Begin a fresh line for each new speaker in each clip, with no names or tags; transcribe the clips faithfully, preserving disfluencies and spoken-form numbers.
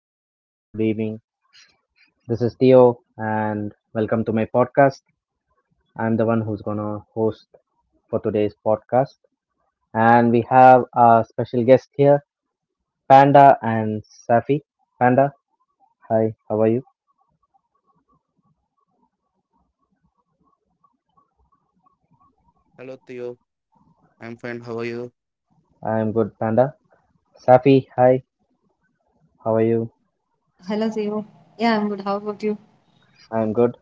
good afternoon, good evening. This is Theo, and welcome to my podcast. I'm the one who's gonna host for today's podcast, and we have a special guest here, Panda and Safi. Panda, hi, how are you?
Hello Theo, I'm fine. How are you?
I'm good, Panda. Safi, hi, how are you?
Hello, Theo. Yeah, I'm good. How about you?
I'm good.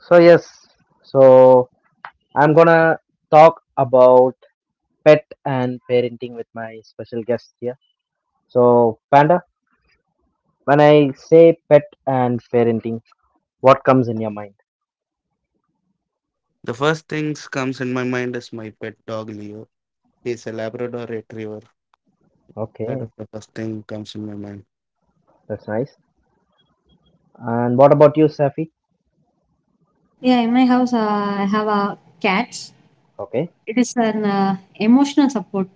So yes, so I'm gonna talk about pet and parenting with my special guest here. So, Panda. When I say pet and parenting, what comes in your mind?
The first things comes in my mind is my pet dog Leo. He's a Labrador Retriever. That
Okay,
is the first thing comes in my mind.
that's nice. And what about you, Safi?
Yeah, in my house, uh, I have a cat.
Okay.
It is an uh, emotional support.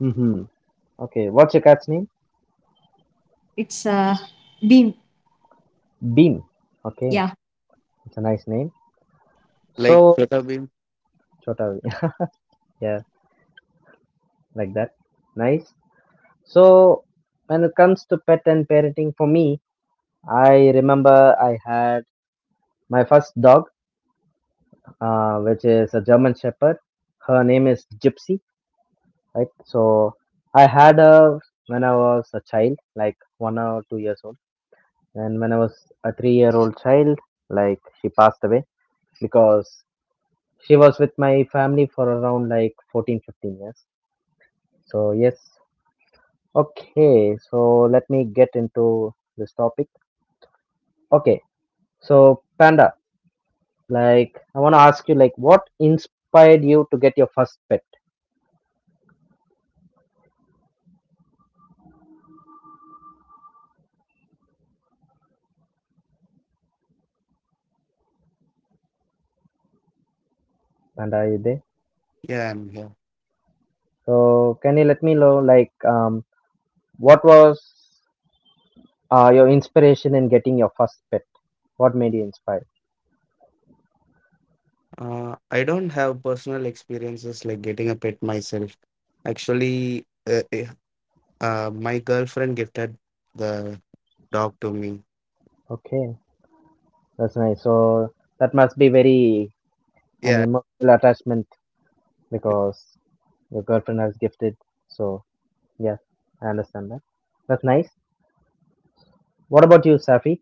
Mm-hmm. Okay, what's your cat's name?
It's a beam.
Bean. Okay,
Yeah.
it's a nice name.
Like
So,
Prata Beam,
Chotavi. Yeah, like that. Nice. So, when it comes to pet and parenting, for me, I remember I had my first dog, uh, which is a German Shepherd. Her name is Gypsy, right? So I had a when I was a child, like one or two years old, and when I was a three-year-old child, like she passed away because she was with my family for around like fourteen, fifteen years. So yes, okay, so let me get into this topic. Okay, so Panda, like I want to ask you, like what inspired you to get your first pet? Panda, are you there?
yeah, I'm here.
So can you let me know, like um what was uh, your inspiration in getting your first pet? What made you inspired?
Uh, I don't have personal experiences like getting a pet myself. Actually, uh, eh, uh, my girlfriend gifted the dog to me.
Okay, that's nice. So that must be very an
Yeah,
emotional attachment because your girlfriend has gifted, so yeah, I understand that. That's nice. What about you, Safi?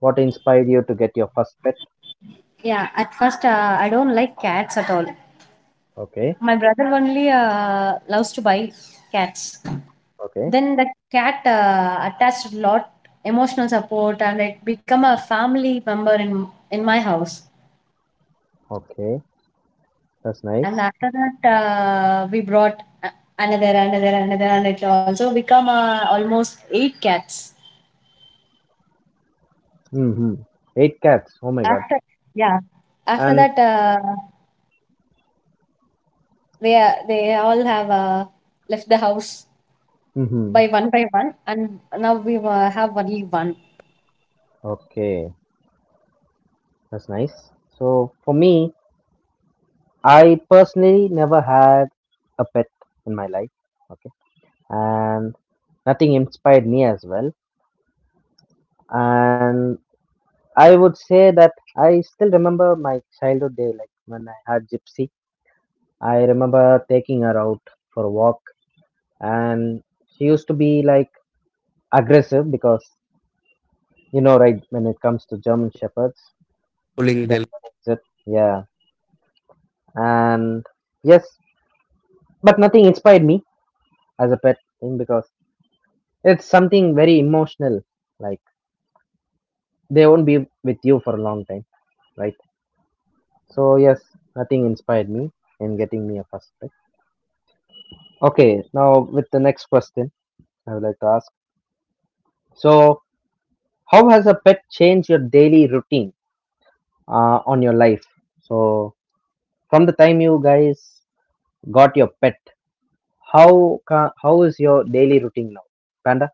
What inspired you to get your first pet?
Yeah, at first uh, I don't like cats at all.
Okay.
My brother only uh, loves to buy cats.
Okay.
Then the cat uh, attached a lot emotional support and it become a family member in in my house.
Okay, that's
And
nice.
after that, uh, we brought a- another, another, another, and it also become uh, almost eight cats.
Mm-hmm. Eight cats, oh my
After
god.
yeah, after that,
And
uh, they are- they all have uh, left the house
mm-hmm.
by one by one, and now we uh, have only one.
Okay, that's nice. So for me, I personally never had a pet in my life, okay, and nothing inspired me as well. And I would say that I still remember my childhood day, like when I had Gypsy. I remember taking her out for a walk, and she used to be like aggressive because you know, right, when it comes to German Shepherds,
pulling
they're
the—
aggressive, yeah, and yes, but nothing inspired me as a pet thing because it's something very emotional, like they won't be with you for a long time, right? So yes, nothing inspired me in getting me a first pet. Okay, now with the next question I would like to ask, so how has a pet changed your daily routine, uh, on your life? So from the time you guys got your pet, how ca- how is your daily routine now, Panda?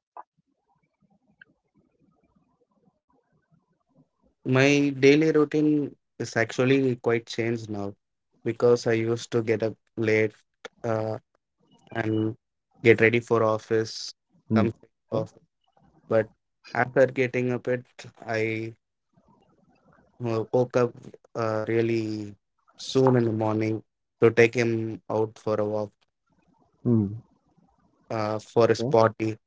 my daily routine is actually quite changed now because I used to get up late uh, and get ready for office, come
Hmm.
straight to
Okay.
office. But after getting up, it I wo- woke up uh, really soon in the morning to take him out for a walk
Hmm.
uh, for his
Okay,
potty,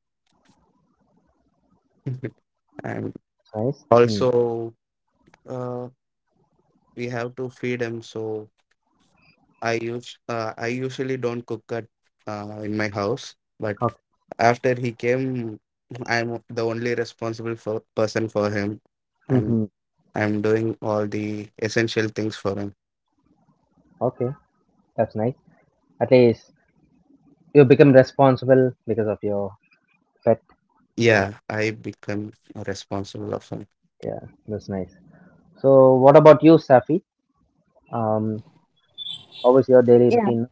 and
that's nice. Hmm.
also uh, we have to feed him so. I use uh, I usually don't cook at uh, in my house, but
Okay.
after he came, I'm the only responsible for, person for him, and
Mhm.
I'm doing all the essential things for him.
Okay, that's nice. At least you become responsible because of your pet. That's,
Yeah, I become responsible of him.
yeah, that's nice. So, what about you, Safi? Um, how is your daily
Yeah.
routine?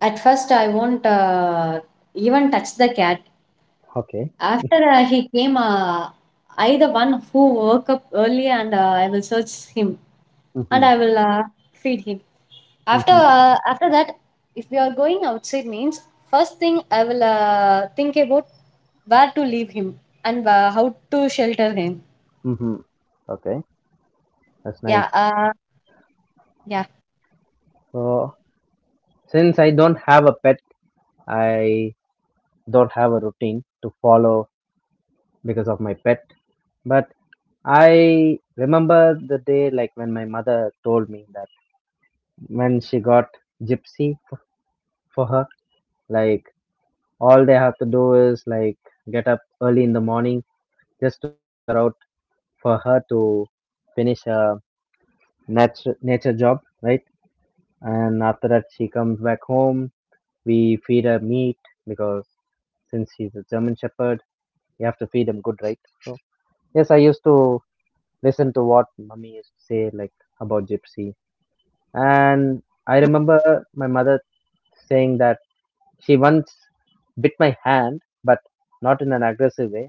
At first, I won't uh, even touch the cat.
Okay.
After uh, he came, uh, I the one who woke up early, and uh, I will search him. And
Mhm.
I will uh, feed him. After
Mhm.
uh, after that, if we are going outside, means first thing I will uh, think about where to leave him and uh, how to shelter him.
Mhm. Okay, that's
Yeah,
nice.
uh, yeah,
So, since I don't have a pet, I don't have a routine to follow because of my pet. But I remember the day, like when my mother told me that when she got Gypsy f- for her, like all they have to do is like get up early in the morning just to take her out for her to finish a nature nature job, right? And after that, she comes back home. We feed her meat because since she's a German Shepherd, you have to feed him good, right? So yes, I used to listen to what mummy used to say, like about Gypsy. And I remember my mother saying that she once bit my hand, but not in an aggressive way,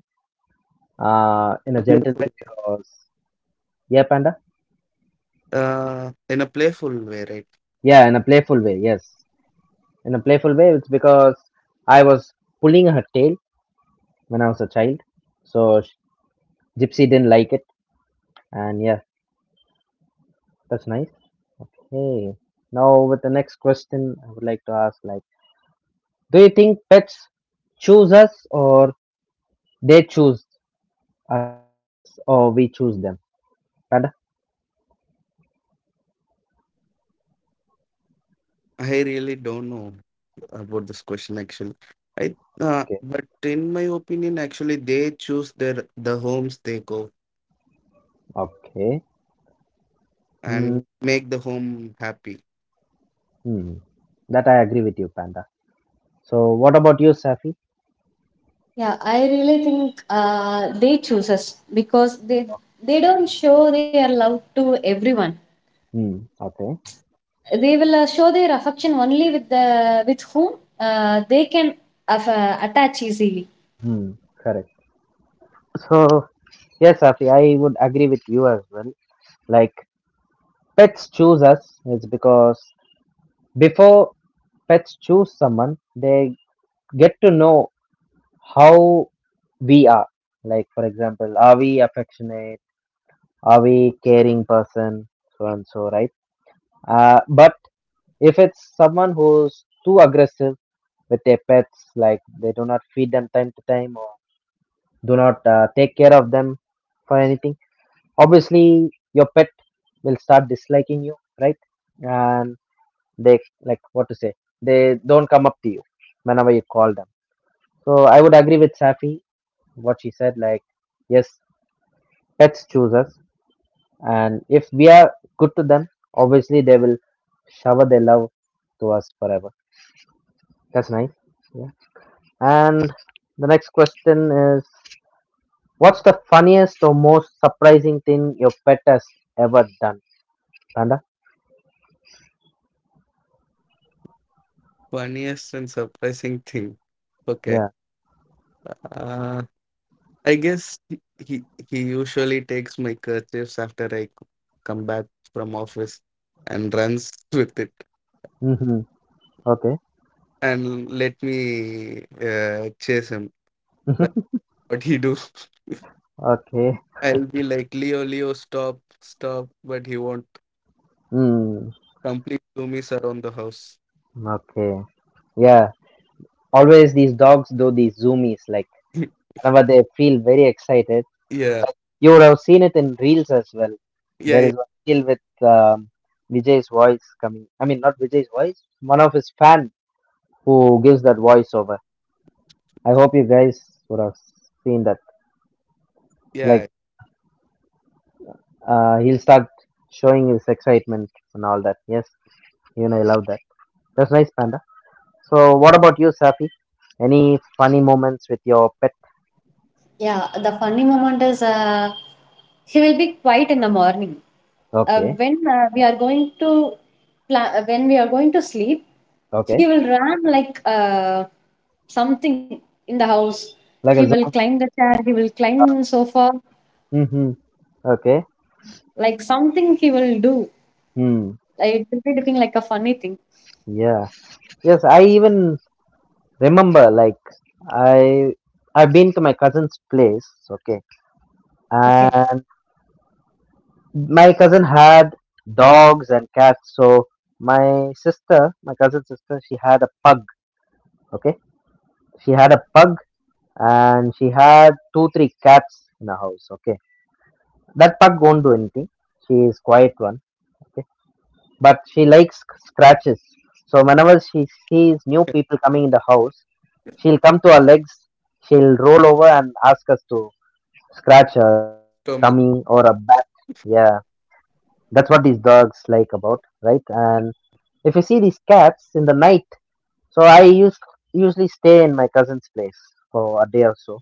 uh, in a gentle way. Because yeah, Panda.
Uh, in a playful way, right?
Yeah, in a playful way. Yes, in a playful way. It's because I was pulling her tail when I was a child, so sh- Gypsy didn't like it. And yeah, that's nice. Hey, now with the next question I would like to ask, like, do you think pets choose us, or they choose us or we choose them, Panda?
I really don't know about this question actually. I uh,
Okay.
But in my opinion, actually, they choose their the homes they go
Okay. Hmm.
and make the home happy.
Hmm. That I agree with you, Panda. So what about you, Safi?
yeah. I really think uh, they choose us because they they don't show their love to everyone.
Hmm. Okay.
They will uh, show their affection only with the with whom uh, they can aff- uh, attach easily.
Hmm, correct. So, yes, Safi, I would agree with you as well. Like, pets choose us is because before pets choose someone, they get to know how we are. Like, for example, are we affectionate? Are we caring person? So and so, right? Uh, but if it's someone who's too aggressive with their pets, like they do not feed them time to time, or do not uh, take care of them for anything, obviously your pet will start disliking you, right? And they, like, what to say, they don't come up to you whenever you call them. So I would agree with Safi, what she said, like, yes, pets choose us, and if we are good to them, obviously they will shower their love to us forever. That's nice. Yeah. And the next question is, what's the funniest or most surprising thing your pet has ever done, Panda?
Funniest and surprising thing. Okay.
Yeah.
Uh, I guess he, he he usually takes my kerchiefs after I c- come back from office and runs with it
Mm-hmm. Okay.
and let me uh, chase him. That's what he do.
Okay.
I'll be like Leo, Leo, stop, stop, but he won't.
Hmm.
Complete zoomies around the house.
Okay. Yeah. Always these dogs do these zoomies, like whenever they feel very excited.
Yeah,
You would have seen it in reels as well. There
yeah,
is one reel with um, Vijay's voice coming. I mean, not Vijay's voice. One of his fan who gives that voiceover. I hope you guys would have seen that.
yeah,
Like uh, he'll start showing his excitement and all that. Yes. You know, I love that. That's nice, Panda. So, what about you, Safi? Any funny moments with your pet?
Yeah, the funny moment is, uh, he will be quiet in the morning. Uh,
Okay,
when uh, we are going to pla- uh, when we are going to sleep, he
okay,
will run like uh, something in the house. He
like a
will
zombie.
climb the chair. He will climb sofa.
Mm-hmm. Okay.
Like something he will do.
Hmm.
Like, it will be looking like a funny thing.
Yeah. Yes, I even remember. Like, I I've been to my cousin's place. Okay,
Okay.
and my cousin had dogs and cats. So my sister, my cousin's sister, she had a pug. Okay, she had a pug, and she had two three cats in the house. Okay. That pug won't do anything. She is quiet one, okay, but she likes scratches. So whenever she sees new
yeah.
people coming in the house, she'll come to our legs. She'll roll over and ask us to scratch her tummy or a
Stomach.
back. Yeah, that's what these dogs like about, right? And if you see these cats in the night, so I use, usually stay in my cousin's place for a day or so.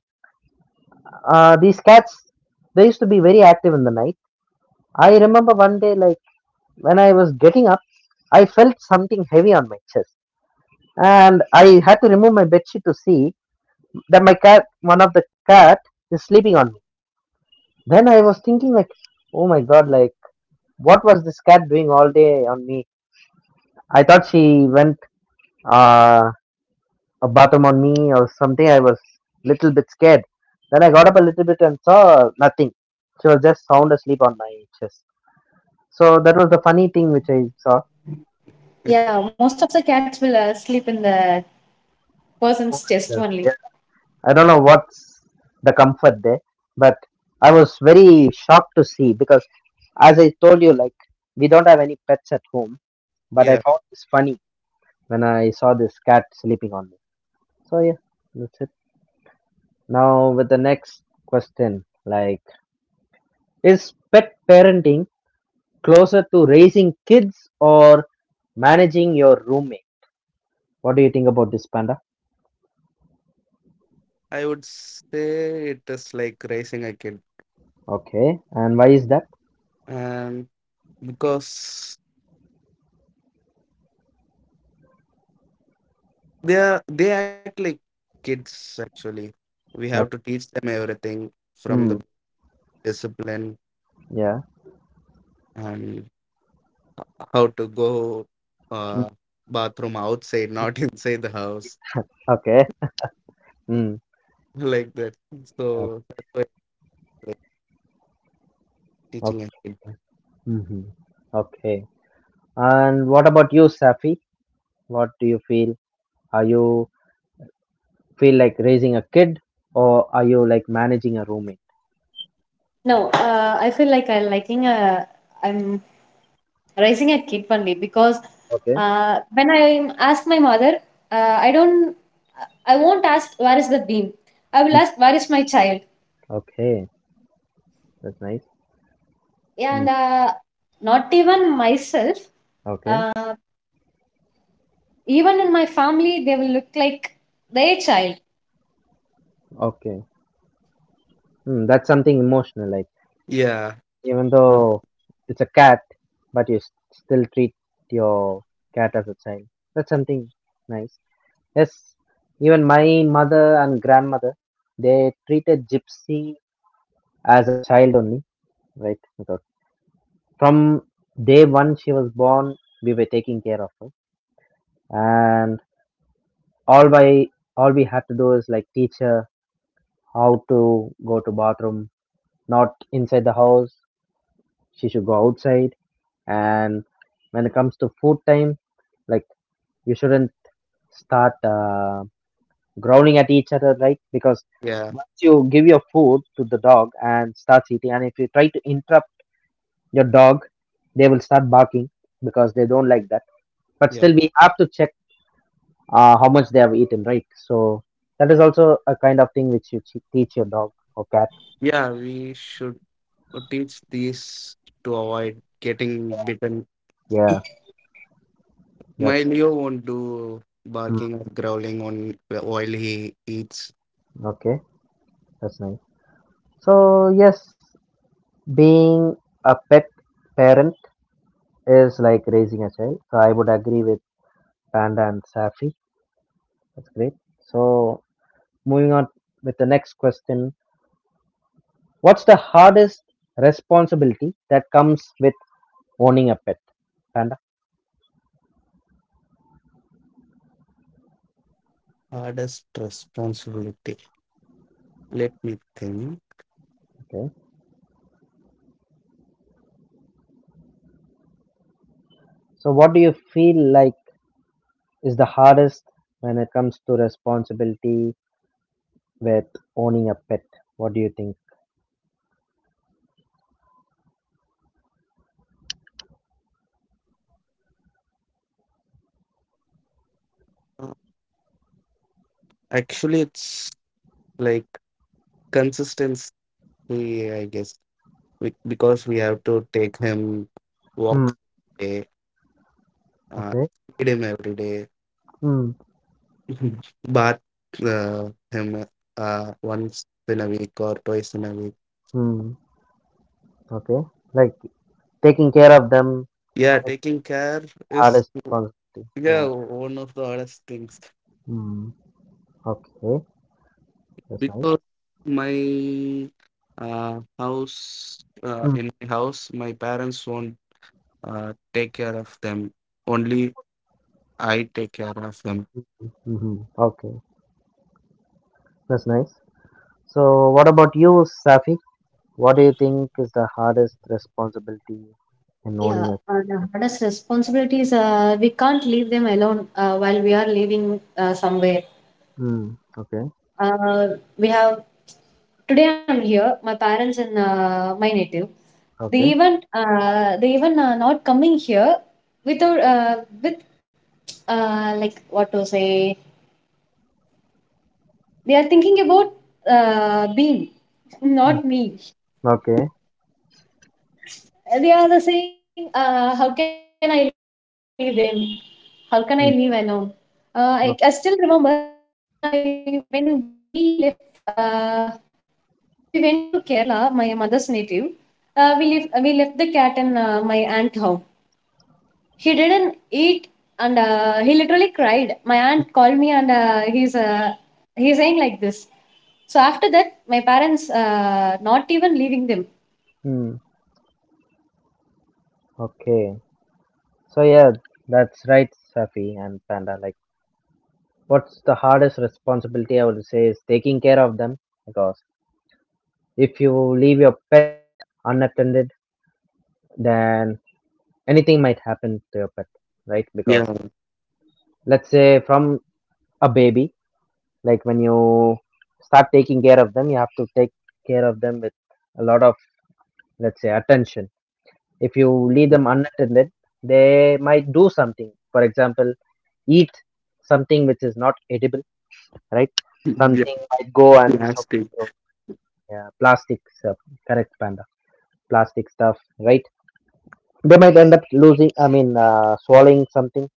Uh, these cats, they used to be very active in the night. I remember one day, like when I was getting up, I felt something heavy on my chest, and I had to remove my bedsheet to see that my cat, one of the cat, is sleeping on me. Then I was thinking like, oh my god, like what was this cat doing all day on me? I thought she went uh, a bathroom on me or something. I was little bit scared. Then I got up a little bit and saw nothing. She was just sound asleep on my chest. So that was the funny thing which I saw.
Yeah, most of the cats will uh, sleep in the
Oh,
person's
my
chest only.
chest. I don't know what's the comfort there, but I was very shocked to see because, as I told you, like we don't have any pets at home, but I
Yeah,
found this funny when I saw this cat sleeping on me. So yeah, that's it. Now with the next question, like, is pet parenting closer to raising kids or managing your roommate? What do you think about this, Panda?
I would say it is like raising a kid.
Okay, and why is that?
And Because they are they act like kids actually, we have to
Okay.
teach them everything from
Hmm.
the discipline
Yeah.
and how to go
Mm.
uh bathroom outside, not inside the house.
Okay. Hmm.
Like that, so that's why it's like teaching a
Okay.
kid,
Hmm. Okay. And what about you, Safi? What do you feel? Are you feel like raising a kid, or are you like managing a roommate?
No, uh, I feel like I'm liking a. I'm raising a kid only because
Okay.
uh, when I ask my mother, uh, I don't, I won't ask where is the beam. I will
Mm.
ask where is my child.
Okay. That's nice.
Yeah,
Mm.
and uh, not even myself,
Okay.
uh, even in my family, they will look like their child.
Okay. Mm, that's something emotional. Like,
yeah.
even
So,
though it's a cat, but you s- still treat your cat as a child. That's something nice. Yes. Even my mother and grandmother, they treated Gypsy as a child only, right? From day one she was born, we were taking care of her, and all by all we had to do is like teach her how to go to bathroom, not inside the house. She should go outside. And when it comes to food time, like you shouldn't start uh, growling at each other, right? Because
yeah,
once you give your food to the dog and starts eating, and if you try to interrupt your dog, they will start barking because they don't like that. But
yeah,
still, we have to check uh, how much they have eaten, right? So that is also a kind of thing which you che- teach your dog or cat.
yeah, we should teach these to avoid getting bitten.
Yeah,
My
that's
Leo won't do
mm,
barking or growling on while he eats.
okay. That's nice. So yes, being a pet parent is like raising a child. So I would agree with Panda and Safi. That's great. So moving on with the next question, what's the hardest responsibility that comes with owning a pet? Panda.
Hardest responsibility. Let me think.
Okay. So what do you feel like is the hardest when it comes to responsibility with owning a pet? What do you think?
Uh, Actually, it's like consistency, I guess, Be- because we have to take him
Hmm.
walks every day, uh,
Okay.
feed him every day,
Hmm.
bath uh, him uh, once in a week or twice in a week.
Hmm. Okay. Like, taking care of them
Yeah,
is
taking care
the
is
hardest responsibility.
yeah
Yeah.
one of the hardest things.
Hmm. Okay, that's nice.
Because my uh, house uh,
Hmm.
in my house my parents won't uh, take care of them, only I take care of them.
Mm-hmm. Okay. That's nice. So, what about you, Safi? What do you think is the hardest responsibility in
Yeah,
owning a?
and the hardest responsibilities, uh, we can't leave them alone uh, while we are living uh, somewhere.
Hmm. Okay.
Uh, we have today. I'm here. My parents in uh, my native. They
Okay.
even uh, they even uh, not coming here without uh, with uh, like what to say. They are thinking about uh, being
Hmm.
not me.
Okay.
They are the saying, uh, how can I leave them? How can I leave alone? Uh,
Hmm.
I, I still remember when
Okay.
I when we left uh, when we went to Kerala, my mother's native. Uh, we left we left the cat in uh, my aunt home. He didn't eat and uh, he literally cried. My aunt called me and uh, he's uh, he's saying like this. So after that, my parents uh, not even leaving them.
Hmm. Okay. So yeah, that's right, Safi and Panda. Like, what's the hardest responsibility I would say is taking care of them because if you leave your pet unattended, then anything might happen to your pet, right? Because
Yeah.
let's say from a baby, like when you start taking care of them, you have to take care of them with a lot of, let's say, attention. If you leave them unattended, they might do something. For example, eat something which is not edible, right?
Yeah,
Something might go and shock
plastic.
you. Yeah, plastic stuff, correct, Panda. Plastic stuff, right? They might end up losing, I mean, uh, swallowing something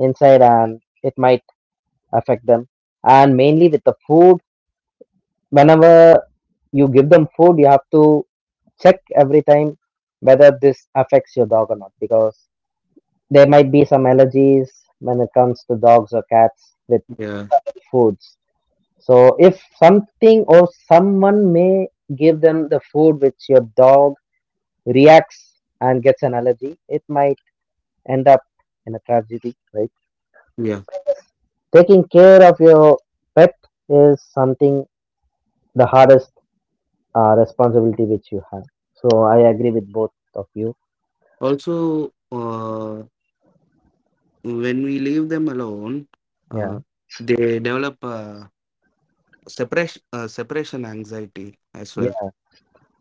inside and it might affect them. And mainly with the food, whenever you give them food, you have to check every time whether this affects your dog or not because there might be some allergies when it comes to dogs or cats with
Yeah,
certain foods. So if something or someone may give them the food which your dog reacts and gets an allergy, it might end up in a tragedy, right?
yeah,
Taking care of your pet is something the hardest uh, responsibility which you have. So I agree with both of you.
also uh, when we leave them alone,
Yeah,
uh, they develop uh, separation uh, separation anxiety as well.
yeah,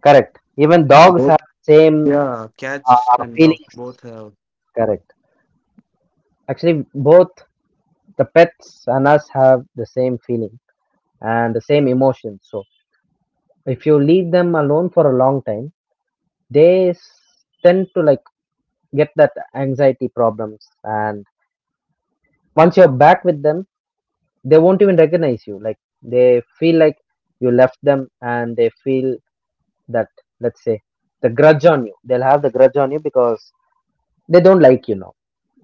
correct. Even dogs have
Both,
same
yeah, cats
uh,
and dogs
feelings.
both have—
Correct. Actually, both the pets and us have the same feeling and the same emotions. So, if you leave them alone for a long time, they s- tend to like get that anxiety problems. And once you're back with them, they won't even recognize you. Like they feel like you left them and they feel that, let's say, the grudge on you. They'll have the grudge on you because they don't like you now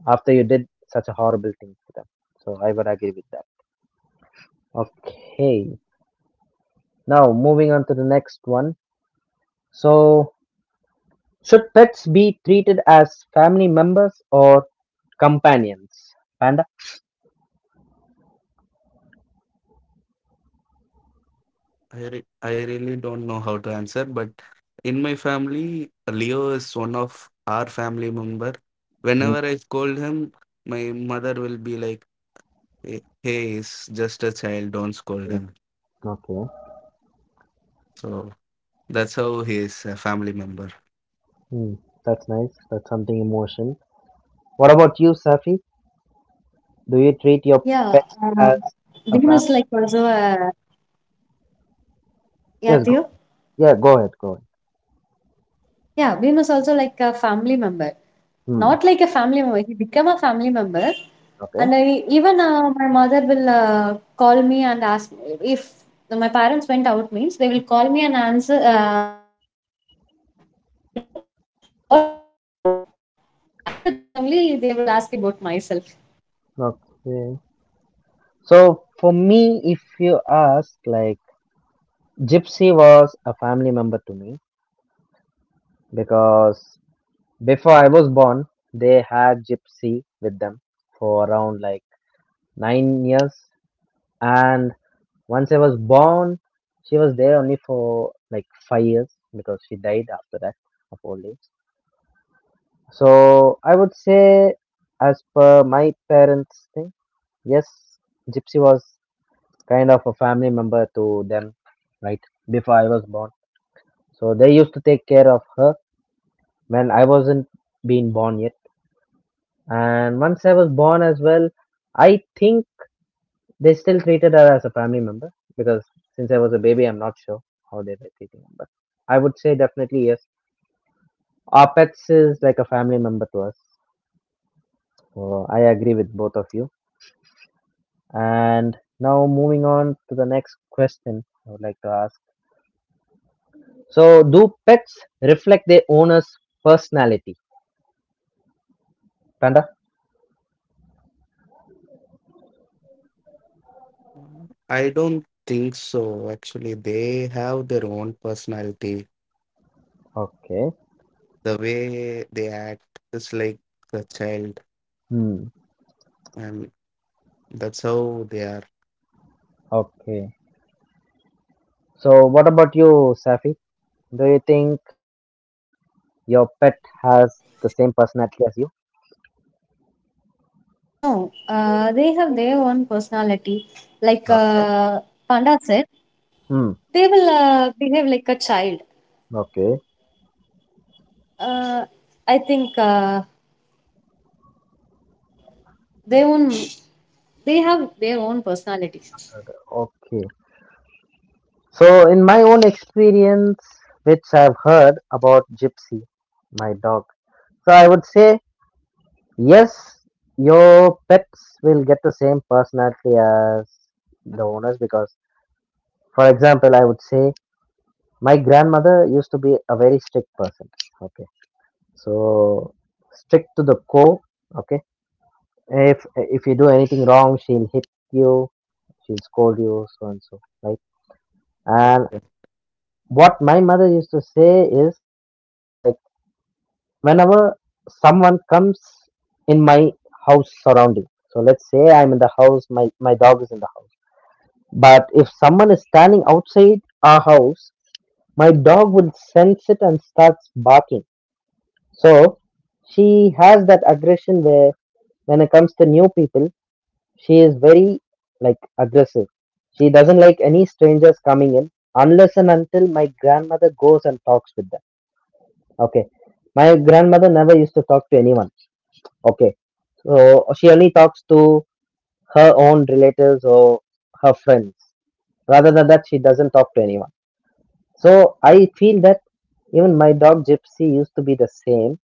after you did such a horrible thing to them. So I would agree with that. Okay. Now moving on to the next one. So, should pets be treated as family members or companions? Panda?
I, re- I really don't know how to answer, but in my family, Leo is one of our family member.
Mm.
Whenever I scold him, my mother will be like, "Hey, hey, he's just a child. Don't scold
Mm.
him."
Okay.
So that's how he is a family member.
Mm, that's nice. That's something emotion. What about you, Safi? Do you treat your
Yeah,
pet as a
Bhim is
family?
like also a yeah,
Yes, go.
Theo?
Yeah, go ahead. Go ahead.
Yeah, Bhim is also like a family member.
Hmm.
Not like a family member. He became a family member, and
Okay.
I, even uh, my mother will uh, call me and ask if my parents went out means they will call me and answer uh, ask about what he is doing. After that only they will ask about myself.
Okay. So for me, if you ask, like, Gypsy was a family member to me because before I was born, they had Gypsy with them for around like nine years, and once I was born she was there only for like five years because she died after that of old age. So I would say, as per my parents thing, yes, Gypsy was kind of a family member to them, right? Before I was born, so they used to take care of her when I wasn't being born yet. And once I was born as well, I think they still treated her as a family member because since I was a baby, I'm not sure how they were treating her. But I would say definitely yes. Our pets is like a family member to us. So I agree with both of you. And now moving on to the next question I would like to ask. So do pets reflect their owner's personality? Panda?
I don't think so. Actually, they have their own personality.
Okay.
The way they act is like a child,
Hmm.
and that's how they are.
Okay. So what about you, Safi? Do you think your pet has the same personality as you?
And no, uh, they have their own personality. Like
No.
uh, Panda said,
Hmm.
they will uh, behave like a child.
Okay.
Uh, I think. Uh, They own they have their own personalities.
Okay. So, in my own experience, which I've heard about Gypsy, my dog, so I would say yes, your pets will get the same personality as the owners because, for example, I would say my grandmother used to be a very strict person. Okay. So, strict to the core. Okay. If if you do anything wrong, she'll hit you, she'll scold you, so and so, right? And what my mother used to say is like, whenever someone comes in my house surrounding, so let's say I'm in the house, my, my dog is in the house, but if someone is standing outside our house, my dog will sense it and starts barking. So she has that aggression where, when it comes to new people, she is very like aggressive. She doesn't like any strangers coming in unless and until my grandmother goes and talks with them. Okay, my grandmother never used to talk to anyone. Okay. So she only talks to her own relatives or her friends. Rather than that, she doesn't talk to anyone. So I feel that even my dog Gypsy used to be the same,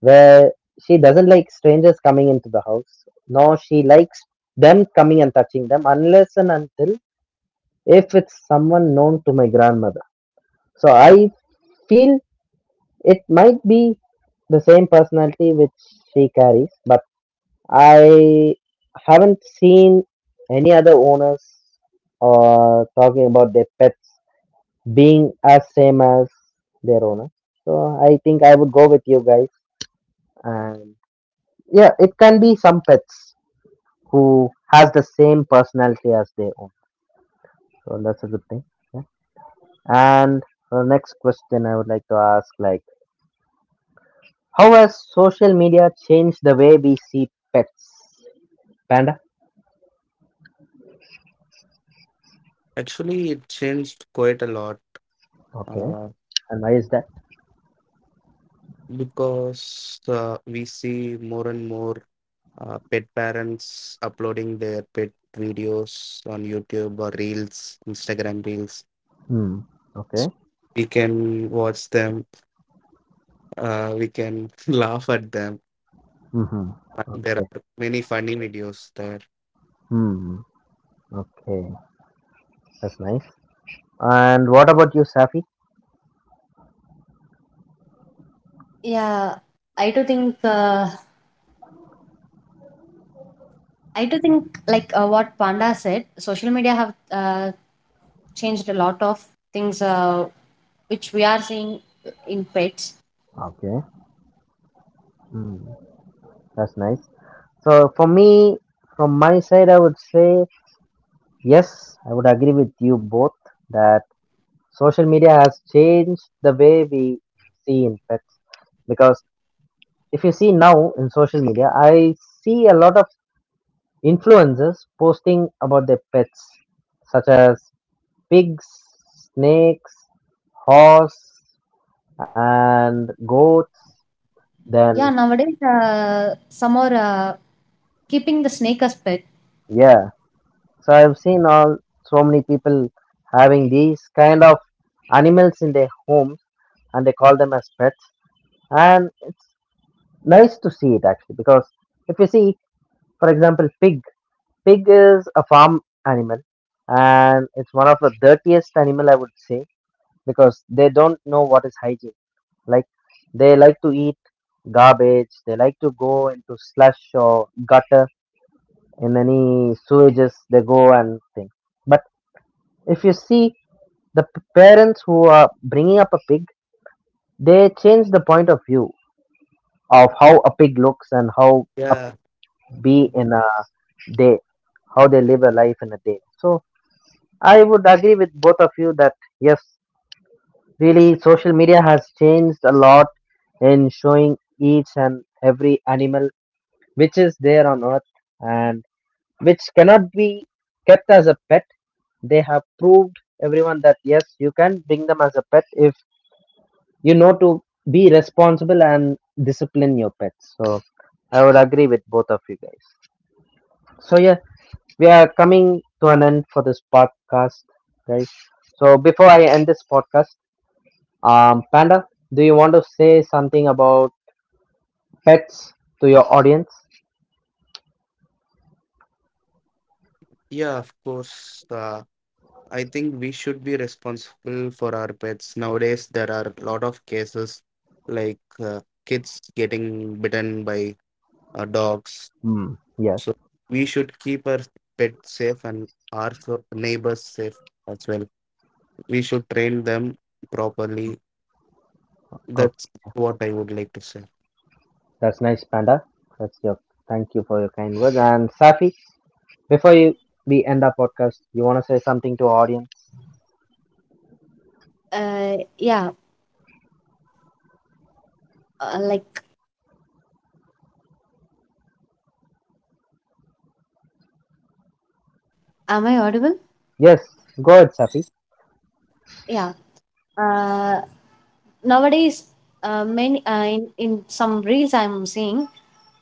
where she doesn't like strangers coming into the house, nor she likes them coming and touching them, unless and until if it's someone known to my grandmother. So I feel it might be the same personality which she carries, but I haven't seen any other owners or talking about their pets being as same as their owner. So I think I would go with you guys. And yeah, it can be some pets who has the same personality as their own. So that's a good thing. Yeah. And the next question I would like to ask, like, how has social media changed the way we see pets? Panda.
Actually, it changed quite a lot.
Okay.
Uh,
And why is that?
because uh, we see more and more uh, pet parents uploading their pet videos on YouTube or Reels, Instagram Reels.
Hmm. Okay.
So we can watch them, uh, we can laugh at them.
Mhm.
But there
Okay.
are many funny videos there.
Hmm. Okay. That's nice. And what about you, Safi?
Yeah, I do think uh, I do think like uh, what Panda said, social media have uh, changed a lot of things uh, which we are seeing in pets.
Okay. Hmm. That's nice. So for me, from my side, I would say yes. I would agree with you both that social media has changed the way we see in pets. Because if you see now in social media, I see a lot of influencers posting about their pets, such as pigs, snakes, horse, and goats. Then
Yeah, nowadays uh, some are uh, keeping the snake as pet.
yeah, so I've seen all so many people having these kind of animals in their homes and they call them as pets. And it's nice to see it, actually, because if you see, for example, pig pig is a farm animal, and it's one of the dirtiest animal I would say, because they don't know what is hygiene. Like, they like to eat garbage, they like to go into slush or gutter, in any sewages they go and thing. But if you see the p- parents who are bringing up a pig, they change the point of view of how a pig looks and how a pig
Yeah,
be
but—
in a day, how they live a life in a day. So I would agree with both of you that yes, really social media has changed a lot in showing each and every animal which is there on earth, and which cannot be kept as a pet. They have proved everyone that yes, you can bring them as a pet if you know to be responsible and discipline your pets. So I would agree with both of you guys. So yeah, we are coming to an end for this podcast, guys. So before I end this podcast, um, Panda, do you want to say something about pets to your audience?
yeah, of course. Uh, I think we should be responsible for our pets. Nowadays, there are a lot of cases like uh, kids getting bitten by uh, dogs.
Hmm. Yes.
So we should keep our pets safe and our so- neighbors safe as well. We should train them properly.
Okay.
That's what I would like to say.
That's nice, Panda. That's your thank you for your kind words. And Safi, before you we end our podcast, you wanna say something to our audience?
Uh, yeah, uh, like am I audible?
Yes, go ahead, Safi.
Yeah. Uh, Nowadays, uh, many uh, in in some reels I'm seeing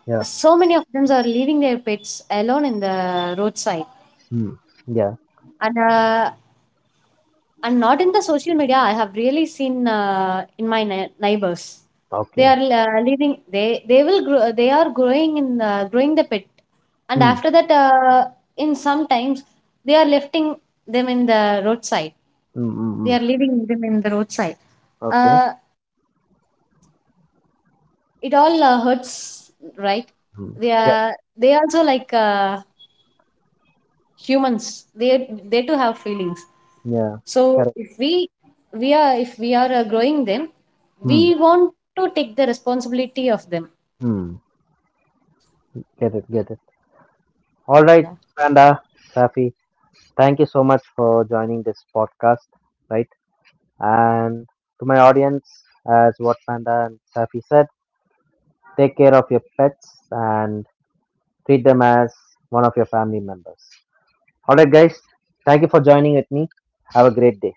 Yeah.
so many of them are leaving their pets alone in the roadside
Mm. Yeah.
and uh, and not in the social media I have really seen uh, in my nei- neighbors. They
Okay.
are uh, leaving they they will grow, they are growing in uh, growing the pet, and
Hmm.
after that uh, in some times they are lifting them in the roadside.
Hmm.
They
Hmm. Mm.
are leaving them in the roadside.
Okay.
uh, it all uh, hurts, right?
Hmm.
They
Yeah.
are, they also like uh, humans. they they too have feelings.
Yeah.
So
Correct.
if we we are if we are uh, growing them,
Hmm.
we want to take the responsibility of them.
Hmm. Get it. Get it. All right, Panda, Safi. Thank you so much for joining this podcast. Right. And to my audience, as what Panda and Safi said, take care of your pets and treat them as one of your family members. All right, guys, thank you for joining with me. Have a great day.